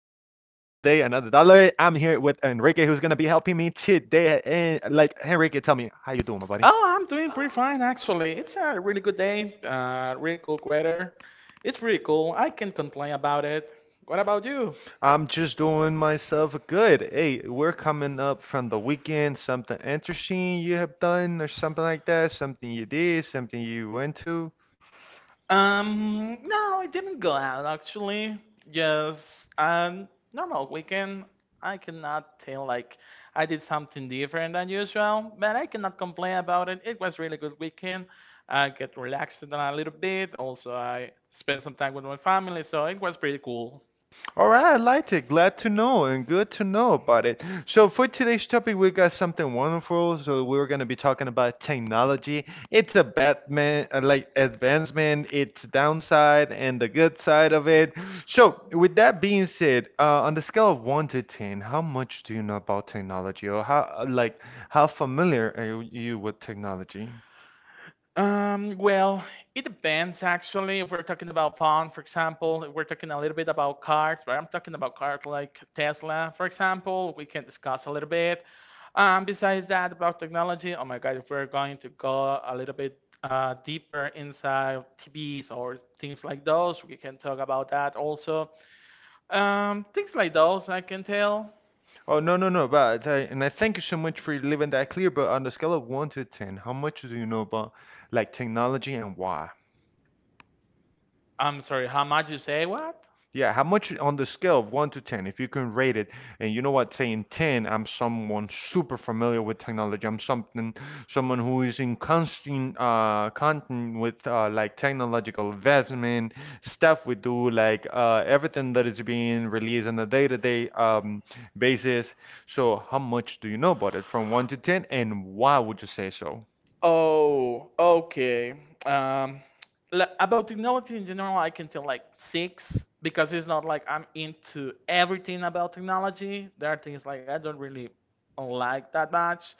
Enrique, who's gonna be helping me today. And, like, Enrique, tell me, how you doing, my buddy? Oh, I'm doing pretty fine actually. It's a really good day, really cool weather. It's really cool. I can't complain about it. What about you? I'm just doing myself good. Hey, we're coming up from the weekend. Something interesting you have done, or something like that. Something you did, something you went to. No, I didn't go out actually. Just a normal weekend. I cannot tell like I did something different than usual, but I cannot complain about it. It was really good weekend. I get relaxed a little bit. Also, I spent some time with my family, so it was pretty cool. All right, I liked it. Glad to know and good to know about it. So for today's topic, we got something wonderful. So we're gonna be talking about technology. It's a Batman, like advancement, its downside and the good side of it. So with that being said, on the scale of one to ten, how much do you know about technology, or how like how familiar are you with technology? Well, it depends actually. If we're talking about fun, for example, if we're talking a little bit about cars, but I'm talking about cars like Tesla, for example, we can discuss a little bit. Besides that, about technology, oh my God, if we're going to go a little bit deeper inside TVs or things like those, we can talk about that also. Things like those, I can tell. Oh, no, no, no, but I thank you so much for leaving that clear. But on the scale of one to ten, how much do you know about like technology and why? I'm sorry, how much you say what? Yeah, how much on the scale of one to 10, if you can rate it, and you know what, saying 10, I'm someone super familiar with technology. I'm someone who is in constant contact with like technological investment, stuff we do, like everything that is being released on a day-to-day basis. So how much do you know about it from one to 10, and why would you say so? Oh, okay. Um, about technology in general, I can tell like six because it's not like I'm into everything about technology. There are things like I don't really like that much.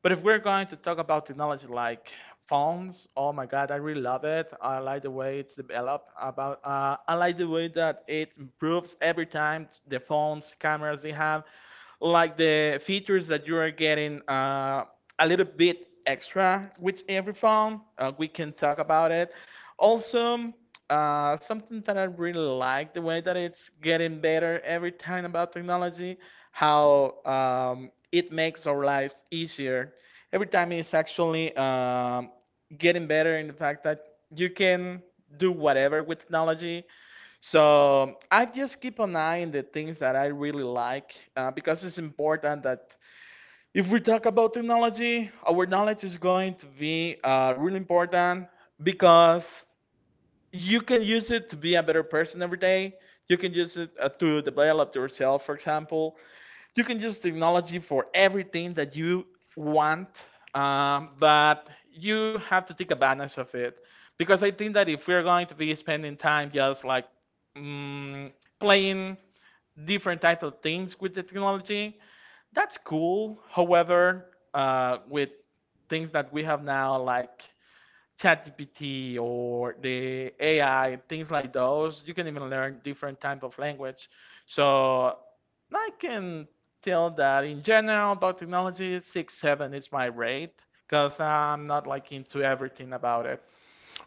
But if we're going to talk about technology like phones, oh my God, I really love it. I like the way it's developed. About I like the way that it improves every time the phones, cameras they have like the features that you are getting a little bit extra with every phone. We can talk about it. Also, something that I really like the way that it's getting better every time about technology, how it makes our lives easier. Every time it's actually getting better in the fact that you can do whatever with technology. So I just keep an eye on the things that I really like because it's important that if we talk about technology, our knowledge is going to be really important because you can use it to be a better person every day. You can use it to develop yourself, for example. You can use technology for everything that you want, but you have to take advantage of it. Because I think that if we're going to be spending time just like mm, playing different type of things with the technology, that's cool. However, with things that we have now, like ChatGPT or the AI, things like those. You can even learn different type of language. So I can tell that in general about technology, six, seven is my rate because I'm not like into everything about it.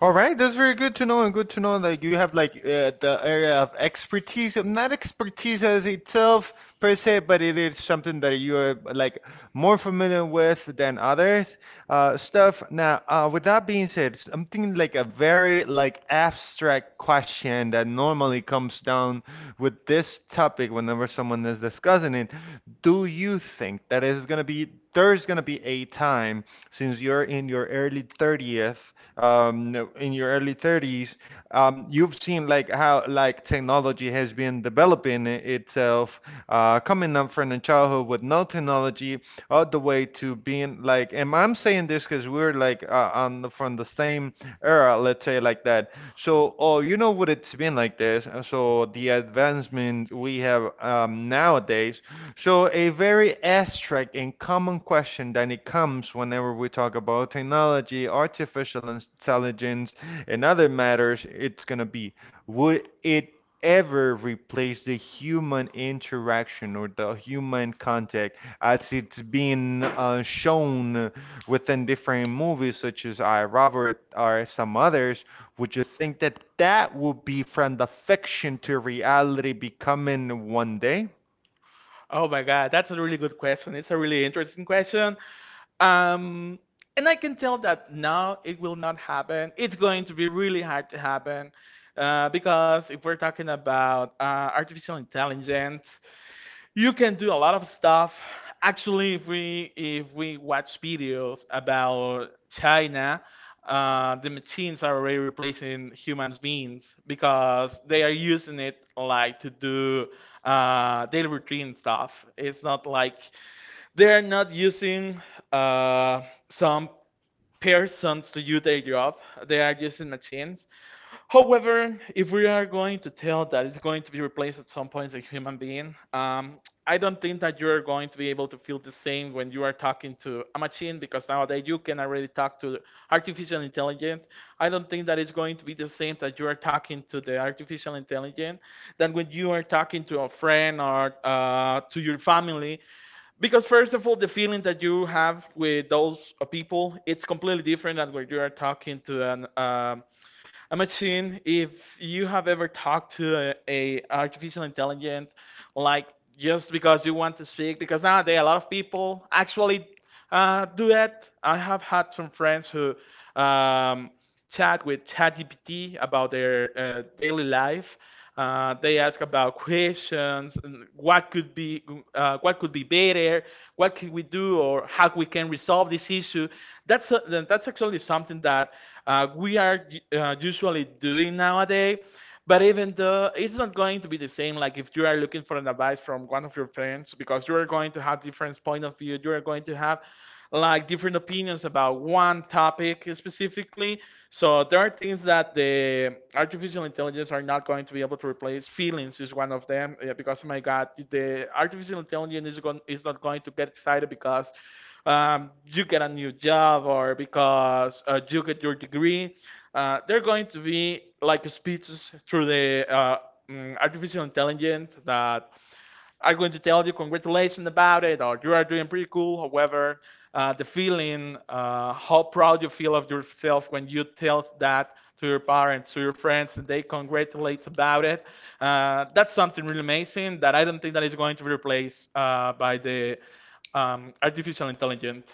All right, that's very good to know, and good to know that you have like the area of expertise, not expertise as itself per se, but it is something that you are like more familiar with than others stuff. Now, with that being said, something like a very like abstract question that normally comes down with this topic whenever someone is discussing it, do you think that is going to be there's going to be a time since you're in your early 30th, no, in your early 30s, you've seen like how like technology has been developing itself, coming up from a childhood with no technology all the way to being like, am I I'm saying this because we're like from the same era, let's say like that. So, oh, you know what, it's been like this. So the advancement we have nowadays. So a very abstract and common question that it comes whenever we talk about technology, artificial intelligence, and other matters. It's gonna be would it ever replace the human interaction or the human contact as it's being shown within different movies such as I Robert or some others? Would you think that that will be from the fiction to reality becoming one day? Oh my God, that's a really good question. It's a really interesting question. Um, and I can tell that now it will not happen. It's going to be really hard to happen because if we're talking about artificial intelligence. You can do a lot of stuff. Actually, if we watch videos about China, the machines are already replacing humans beings because they are using it like to do daily routine stuff. It's not like they're not using uh, some persons to do their job. They are using machines. However, if we are going to tell that it's going to be replaced at some point by a human being, I don't think that you're going to be able to feel the same when you are talking to a machine because nowadays you can already talk to artificial intelligence. I don't think that it's going to be the same that you are talking to the artificial intelligence than when you are talking to a friend or to your family because first of all, the feeling that you have with those people, it's completely different than when you are talking to an a machine. If you have ever talked to a artificial intelligence, like just because you want to speak, because nowadays a lot of people actually do that. I have had some friends who um, chat with ChatGPT about their daily life. They ask about questions and what could be better, what can we do, or how we can resolve this issue. That's actually something that we are usually doing nowadays. But even though it's not going to be the same, like if you are looking for an advice from one of your friends, because you are going to have different point of view, you are going to have like different opinions about one topic specifically. So there are things that the artificial intelligence are not going to be able to replace. Feelings is one of them, yeah, because oh my God, the artificial intelligence is not going to get excited because you get a new job or because you get your degree. They're going to be like speeches through the artificial intelligence that are going to tell you congratulations about it or you are doing pretty cool. However, the feeling, how proud you feel of yourself when you tell that to your parents, to your friends, and they congratulate about it. That's something really amazing that I don't think that is going to be replaced by the artificial intelligence.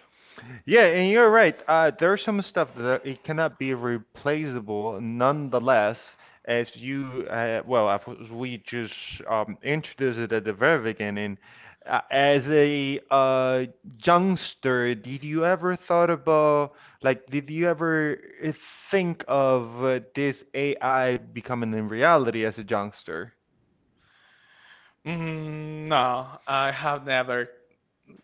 Yeah, and you're right. There's some stuff that it cannot be replaceable, nonetheless, as we just introduced it at the very beginning. As a youngster, did you ever think of this AI becoming a reality as a youngster? No, I have never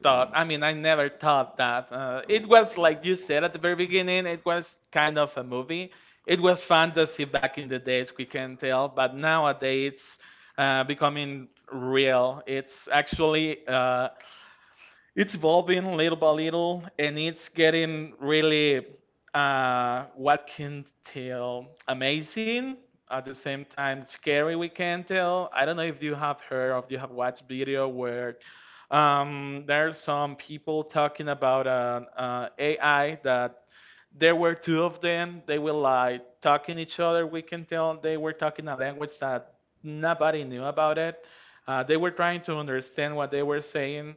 thought. I mean, I never thought that. It was like you said at the very beginning, it was kind of a movie. It was fantasy back in the days, we can tell, but nowadays it's becoming real. It's actually it's evolving little by little, and it's getting really, what can tell, amazing, at the same time scary, we can tell. I don't know if you have heard or if you have watched video where there are some people talking about an AI that there were two of them. They were like talking each other. We can tell they were talking a language that nobody knew about it. They were trying to understand what they were saying.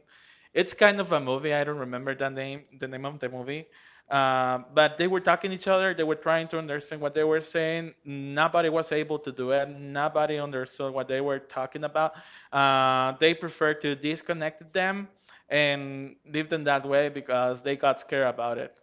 It's kind of a movie. I don't remember the name of the movie. But they were talking each other. They were trying to understand what they were saying. Nobody was able to do it. Nobody understood what they were talking about. They preferred to disconnect them and leave them that way because they got scared about it.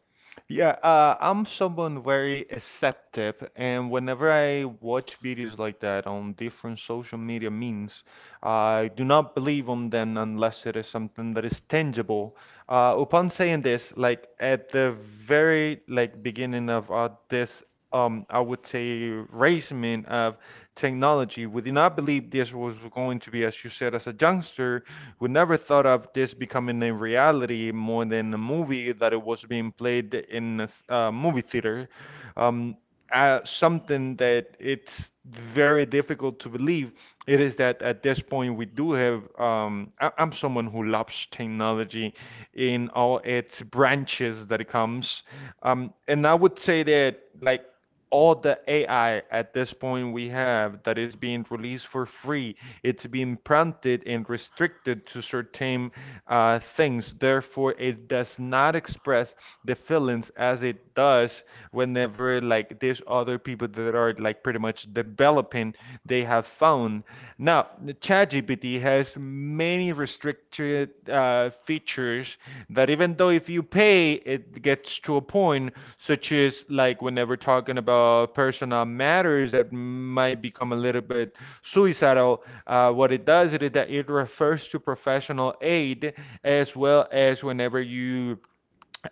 Yeah, I'm someone very acceptive, and whenever I watch videos like that on different social media means, I do not believe on them unless it is something that is tangible. Upon saying this, like at the very like beginning of this I would say, raisement of technology. We did not believe this was going to be, as you said, as a youngster. We never thought of this becoming a reality more than a movie that it was being played in a movie theater. Um, Something that it's very difficult to believe. It is that at this point we do have. I'm someone who loves technology in all its branches that it comes, and I would say that like all the AI at this point we have that is being released for free, it's being prompted and restricted to certain things. Therefore, it does not express the feelings as it does whenever like there's other people that are like pretty much developing they have found. Now, ChatGPT has many restricted features that even though if you pay, it gets to a point, such as like whenever talking about personal matters that might become a little bit suicidal. What it does is that it refers to professional aid as well as whenever you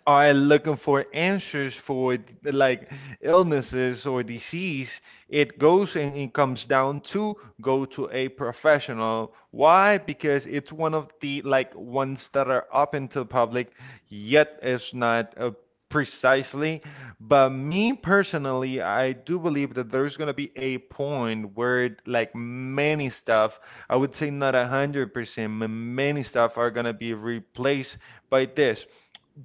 are looking for answers for like illnesses or disease, it goes and it comes down to go to a professional. Why? Because it's one of the like ones that are up into public, yet it's not precisely. But me personally, I do believe that there's gonna be a point where like many stuff, I would say not 100%, but many stuff are gonna be replaced by this.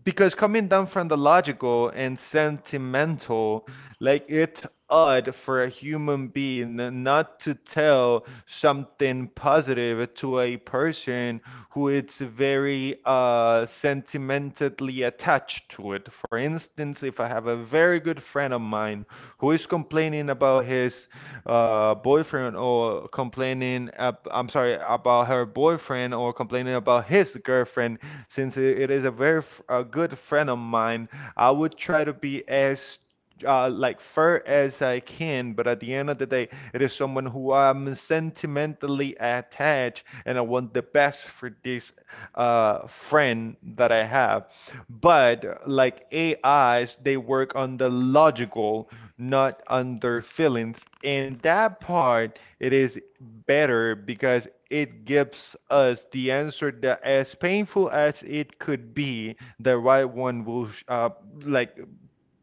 Because coming down from the logical and sentimental, like it's odd for a human being not to tell something positive to a person who is very sentimentally attached to it. For instance, if I have a very good friend of mine who is complaining about his boyfriend or complaining, I'm sorry, about her boyfriend or complaining about his girlfriend, since it is a good friend of mine, I would try to be as like fair as I can, but at the end of the day, it is someone who I'm sentimentally attached, and I want the best for this friend that I have. But like AIs, they work on the logical, not on their feelings, and that part it is better because it gives us the answer that as painful as it could be, the right one will like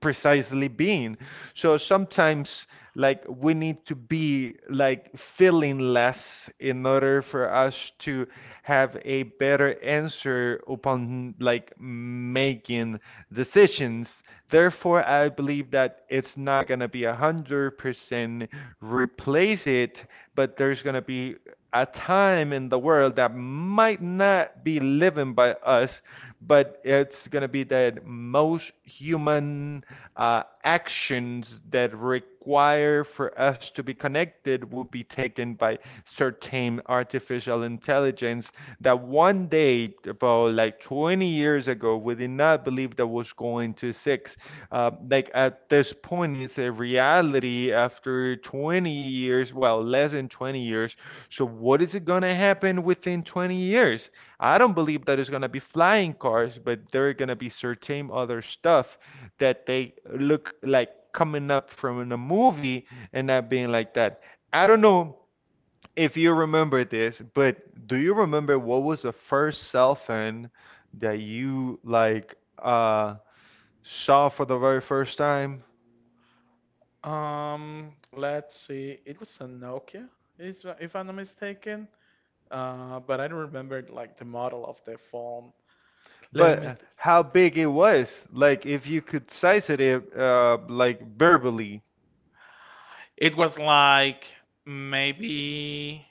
precisely being. So sometimes, like, we need to be like feeling less in order for us to have a better answer upon like making decisions. Therefore, I believe that it's not gonna be 100% replace it, but there's gonna be a time in the world that might not be living by us, but it's going to be that most human actions that require for us to be connected will be taken by certain artificial intelligence that one day, about like 20 years ago, we did not believe that was going to six. Like at this point, it's a reality after 20 years, well, less than 20 years. So, what is it going to happen within 20 years? I don't believe that it's going to be flying cars, but there are going to be certain other stuff that they look like coming up from in a movie and not being like that. I don't know if you remember this, but do you remember what was the first cell phone that you like saw for the very first time? Let's see. It was a Nokia, is if I'm not mistaken. But I don't remember like the model of the phone. Let me. But how Th big it was? Like if you could size it like verbally. It was like maybe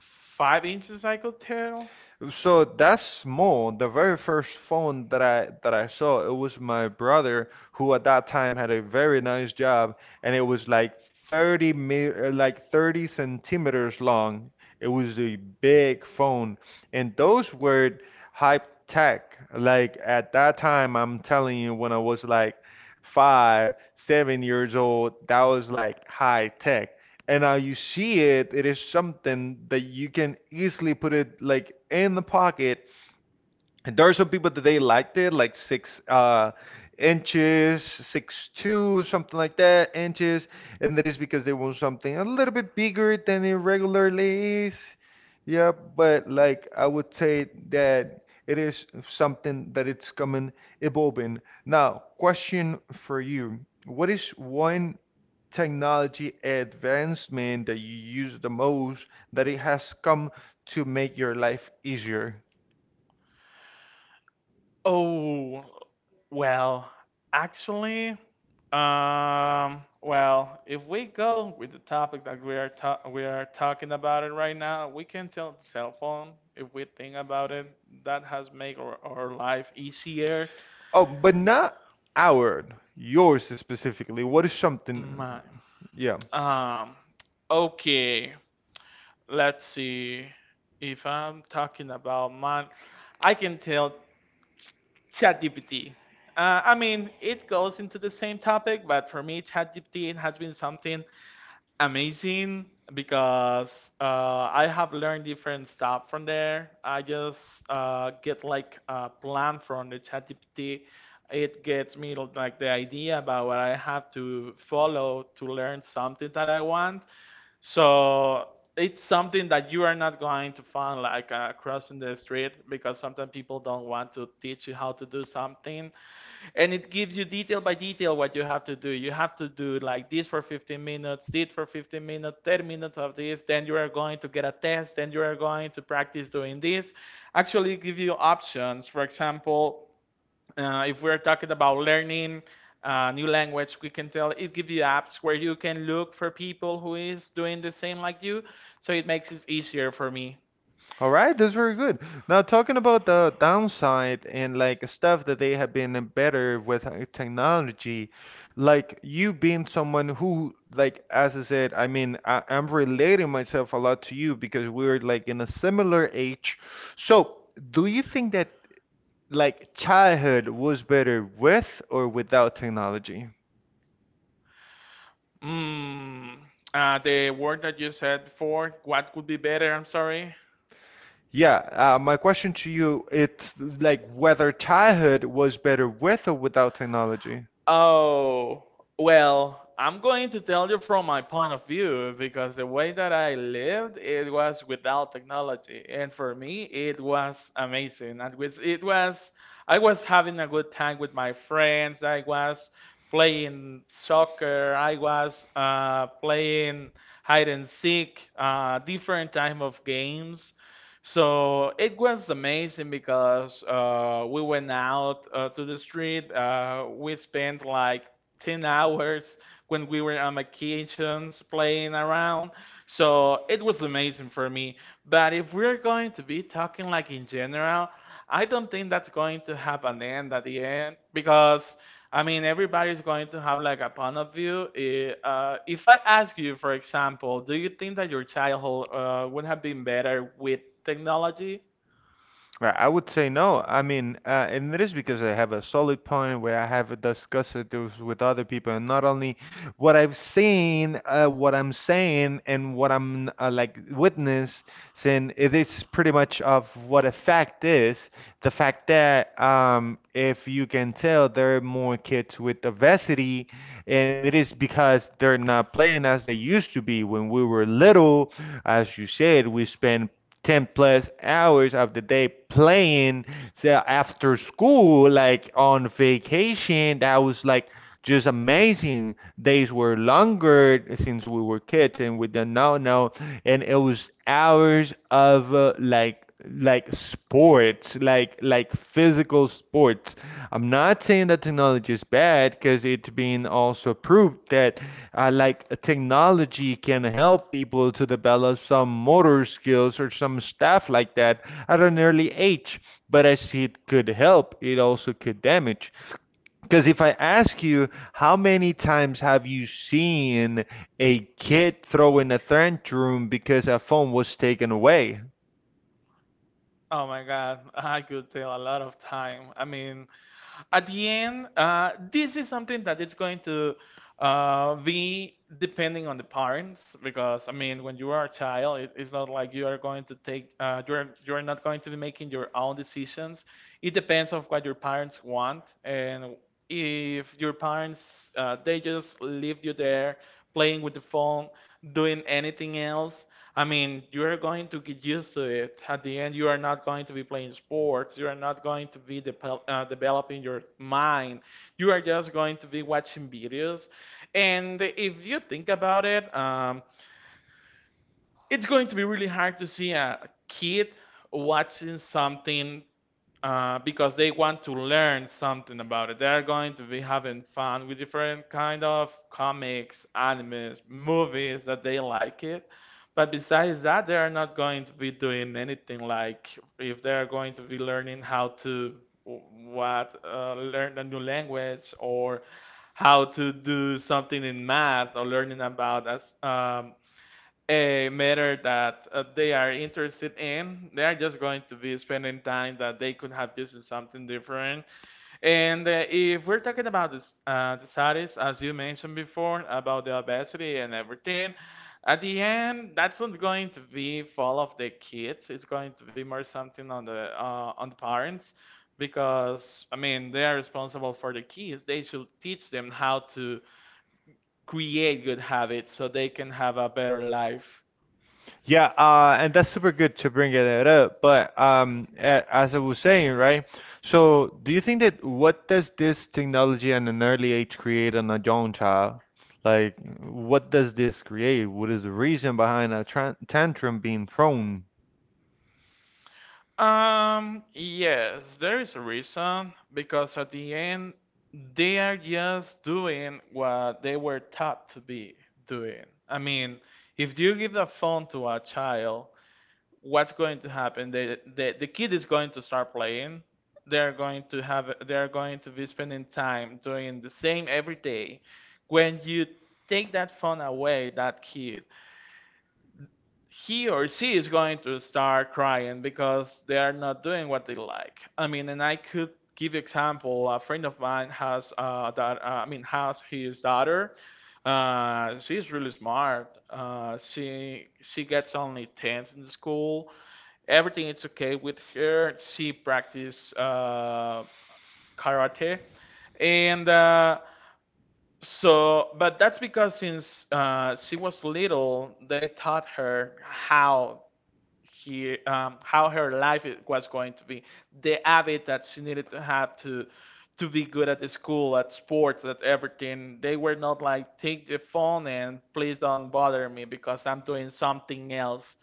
5 inches, I could tell. So that's small. The very first phone that I saw, it was my brother who at that time had a very nice job, and it was like 30 centimeters long. It was a big phone, and those were hype tech. Like at that time, I'm telling you, when I was like five, 7 years old, that was like high tech. And now you see it, it is something that you can easily put it like in the pocket and there are some people that they liked it, like six inches, 6.2, something like that, inches, and that is because they want something a little bit bigger than it regularly is. Yeah, but like I would say that it is something that it's coming evolving. Now, question for you: What is one technology advancement that you use the most that it has come to make your life easier? Oh, well, actually, well, if we go with the topic that we are talking about it right now, we can tell the cell phone if we think about it. That has made our life easier. Oh, but not our, yours specifically. What is something? Mine. Yeah. Um, okay, let's see. If I'm talking about mine, I can tell ChatGPT. I mean, it goes into the same topic, but for me, ChatGPT has been something amazing because I have learned different stuff from there. I just get like a plan from the ChatGPT. It gets me like the idea about what I have to follow to learn something that I want. So it's something that you are not going to find like crossing the street because sometimes people don't want to teach you how to do something. And it gives you detail by detail what you have to do. You have to do like this for 15 minutes, this for 15 minutes, 10 minutes of this. Then you are going to get a test. Then you are going to practice doing this. Actually, give you options. For example, if we're talking about learning a new language, we can tell it gives you apps where you can look for people who is doing the same like you, so it makes it easier for me. All right, that's very good. Now, talking about the downside and like stuff that they have been better with technology, like you being someone who, like, as I said, I mean, I'm relating myself a lot to you because we're like in a similar age. So, do you think that like childhood was better with or without technology? mm, the word that you said for what could be better, I'm sorry. Yeah, my question to you, it's like whether childhood was better with or without technology. Oh, well, I'm going to tell you from my point of view because the way that I lived, it was without technology. And for me, it was amazing. And was it was I was having a good time with my friends. I was playing soccer. I was playing hide and seek, different type of games. So it was amazing because we went out to the street. We spent like 10 hours when we were on vacations playing around. So it was amazing for me. But if we're going to be talking like in general, I don't think that's going to have an end at the end because I mean, everybody's going to have like a point of view. If I ask you, for example, do you think that your childhood would have been better with technology? Right, I would say no. I mean, and it is because I have a solid point where I have discussed it with other people, and not only what I've seen, what I'm saying, and what I'm like witness, saying it is pretty much of what a fact is. The fact that if you can tell, there are more kids with obesity, and it is because they're not playing as they used to be when we were little. As you said, we spent 10 plus hours of the day playing, so after school, like on vacation, that was like just amazing. Days were longer since we were kids and we didn't know no, and it was hours of like sports, like physical sports. I'm not saying that technology is bad, because it's been also proved that like technology can help people to develop some motor skills or some stuff like that at an early age. But as it could help, it also could damage. Because if I ask you, how many times have you seen a kid throwing a tantrum because a phone was taken away? Oh my God, I could tell a lot of time. I mean, at the end, this is something that is going to be depending on the parents. Because I mean, when you are a child, it's not like you are going to take you're not going to be making your own decisions. It depends on what your parents want. And if your parents they just leave you there playing with the phone doing anything else, I mean, you are going to get used to it. At the end, you are not going to be playing sports, you are not going to be developing your mind, you are just going to be watching videos. And if you think about it, it's going to be really hard to see a kid watching something because they want to learn something about it. They're going to be having fun with different kind of comics, animes, movies that they like it. But besides that, they are not going to be doing anything, like if they are going to be learning how to w- what learn a new language or how to do something in math or learning about as a matter that they are interested in. They are just going to be spending time that they could have used in something different. And if we're talking about this, the studies, as you mentioned before, about the obesity and everything, at the end, that's not going to be fall of the kids. It's going to be more something on the parents. Because I mean, they are responsible for the kids. They should teach them how to create good habits so they can have a better life. Yeah, and that's super good to bring it up. But as I was saying, right? So, do you think that what does this technology at an early age create on a young child? Like, what does this create? What is the reason behind a tran tantrum being thrown? Yes, there is a reason, because at the end they are just doing what they were taught to be doing. I mean, if you give the phone to a child, what's going to happen? The kid is going to start playing. They're going to be spending time doing the same every day. When you take that phone away, that kid, he or she, is going to start crying because they are not doing what they like. I mean, and I could give you example. A friend of mine has that. I mean, has his daughter. She's really smart. She gets only tens in school. Everything is okay with her. She practice karate, and. So, but that's because since she was little, they taught her how here, how her life it was going to be, the habit that she needed to have to be good at the school, at sports, at everything. They were not like take the phone and please don't bother me because I'm doing something else.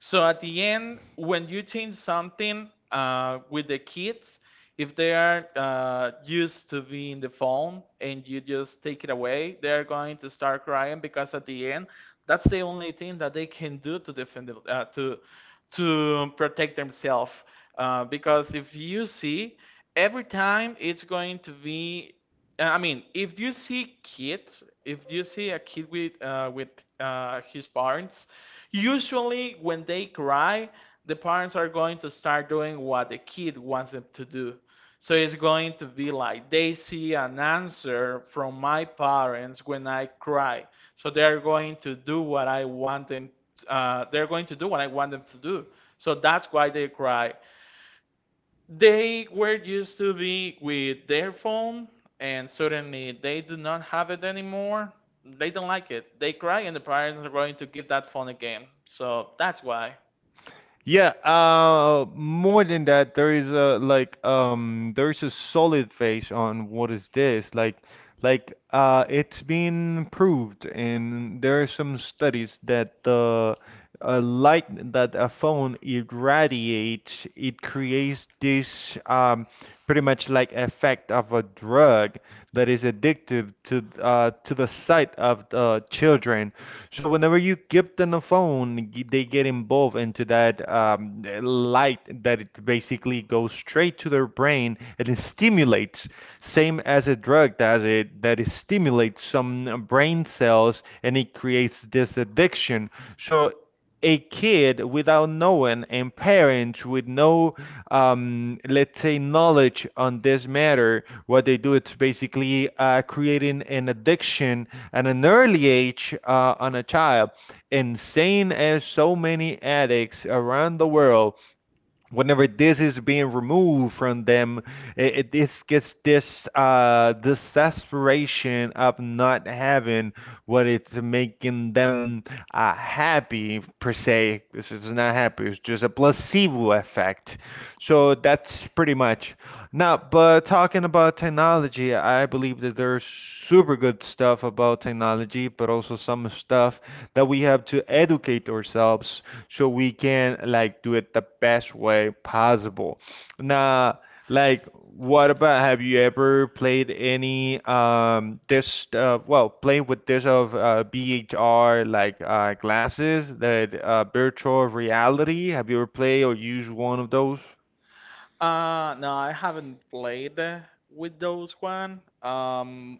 So at the end, when you change something with the kids, if they are used to being the phone and you just take it away, they are going to start crying. Because at the end, that's the only thing that they can do to to protect themselves. Because if you see, every time it's going to be I mean, if you see kids, if you see a kid with his parents, usually when they cry, the parents are going to start doing what the kid wants them to do. So it's going to be like they see an answer from my parents when I cry. So they're going to do what I want them. They're going to do what I want them to do. So that's why they cry. They were used to be with their phone, and suddenly they do not have it anymore. They don't like it. They cry, and the parents are going to give that phone again. So that's why. Yeah, more than that, there is a like there is a solid phase on what is this like it's been proved, and there are some studies that the light that a phone irradiates, it creates this pretty much like effect of a drug that is addictive to the sight of children. So whenever you give them a phone, they get involved into that light, that it basically goes straight to their brain, and it stimulates, same as a drug does it, that it stimulates some brain cells and it creates this addiction. So a kid without knowing, and parents with no let's say knowledge on this matter, what they do, it's basically creating an addiction at an early age on a child, and seeing as so many addicts around the world, whenever this is being removed from them, it this gets this this desperation of not having what it's making them happy per se. This is not happy. It's just a placebo effect. So that's pretty much. Now, but talking about technology, I believe that there's super good stuff about technology, but also some stuff that we have to educate ourselves so we can like do it the best way possible. Now, like, what about, have you ever played any this well, played with this of BHR, like glasses, that virtual reality? Have you ever played or used one of those? No, I haven't played with those one. Um,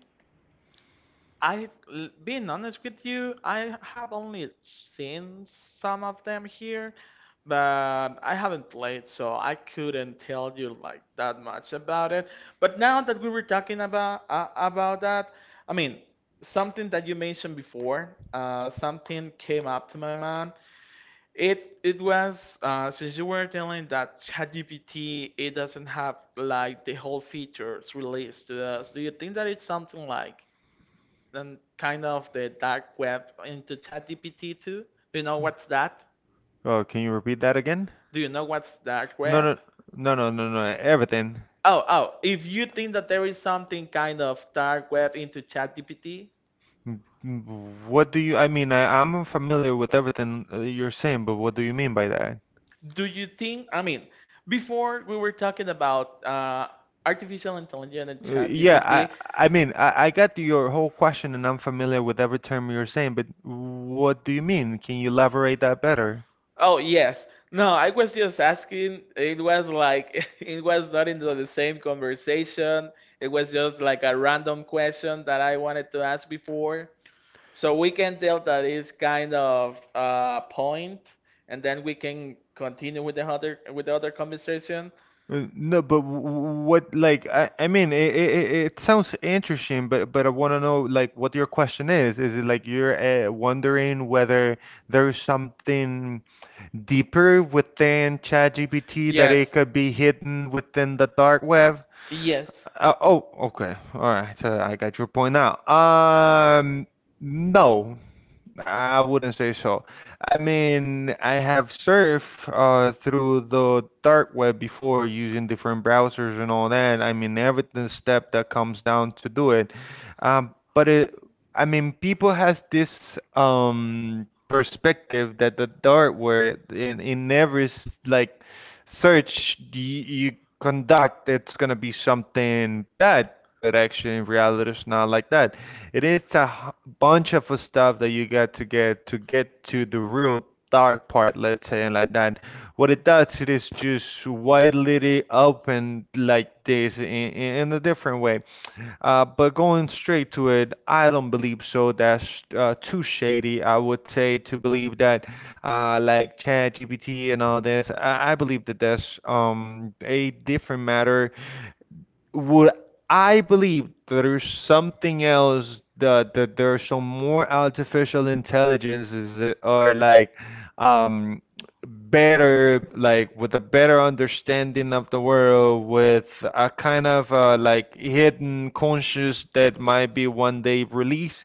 I, l- Being honest with you, I have only seen some of them here, but I haven't played, so I couldn't tell you like that much about it. But now that we were talking about about that, I mean, something that you mentioned before, something came up to my mind. It was since you were telling that ChatGPT it doesn't have like the whole features released to us. Do you think that it's something like and kind of the dark web into ChatGPT too? Do you know what's that? Can you repeat that again? Do you know what's dark No, web? no, no, no, no, no. Everything. Oh, oh, if you think that there is something kind of dark web into ChatGPT, What do you? I mean, I'm familiar with everything you're saying, but what do you mean by that? do you think, I mean, before we were talking about artificial intelligence and Yeah, ChatGPT. I mean, I got your whole question, and I'm familiar with every term you're saying, but what do you mean? Can you elaborate that better? Oh, yes. No, I was just asking. It was like, it was not into the same conversation. It was just like a random question that I wanted to ask before. So we can tell that is kind of point, and then we can continue with the other conversation. No, but what, like, I mean, it sounds interesting, but I want to know, like, what your question is. Is it like you're wondering whether there's something deeper within ChatGPT that it Yes, could be hidden within the dark web? yes. Oh, okay. All right. So I got your point now. No, I wouldn't say so. I mean, I have surfed through the dark web before, using different browsers and all that. I mean, everything step that comes down to do it. But it, I mean, people has this perspective that the dark web, in every like search you conduct, it's going to be something bad. But actually, in reality, it's not like that. It is a bunch of stuff that you got to get to the real dark part, let's say, and like that. What it does, it is just widely really open like this in a different way. But going straight to it, I don't believe so. That's too shady, I would say, to believe that, like ChatGPT and all this. I believe that that's a different matter. Would I believe that there's something else, that there's some more artificial intelligences that are like um better, like with a better understanding of the world, with a kind of like hidden conscious that might be one day released?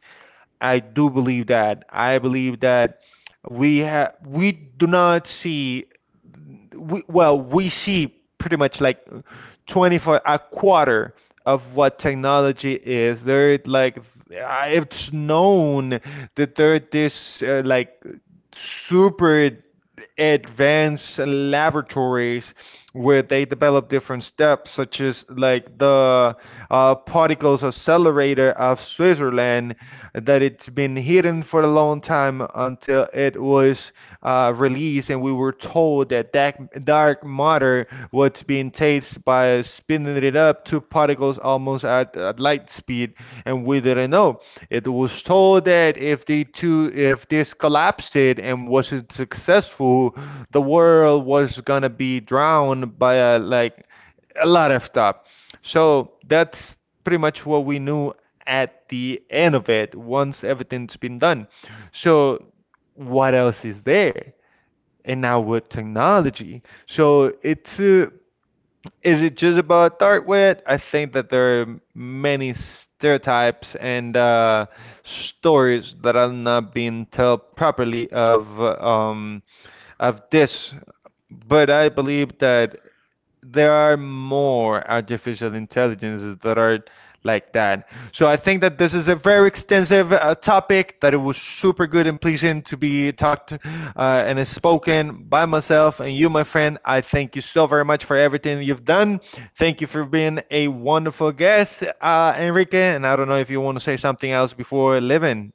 I do believe that. I believe that we have, we do not see, we see pretty much like 24, a quarter of what technology is. There, like, it's known that there, this like super advanced laboratories where they develop different steps, such as like the particles accelerator of Switzerland, that it's been hidden for a long time until it was released, and we were told that dark matter was being tasted by spinning it up to particles almost at light speed, and we didn't know. It was told that if the two, if this collapsed and wasn't successful, the world was gonna be drowned by a, like a lot of stuff. So that's pretty much what we knew at the end of it, once everything's been done. So what else is there? And now with technology, so it's is it just about Darkwit? I think that there are many stereotypes and stories that are not being told properly of this, but I believe that there are more artificial intelligences that are like that. So I think that this is a very extensive topic that it was super good and pleasing to be talked and is spoken by myself and you, my friend. I thank you so very much for everything you've done. Thank you for being a wonderful guest, Enrique. And I don't know if you want to say something else before leaving.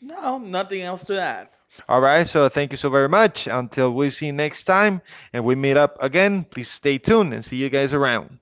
No, nothing else to add. All right, so thank you so very much. Until we see you next time and we meet up again, please stay tuned, and see you guys around.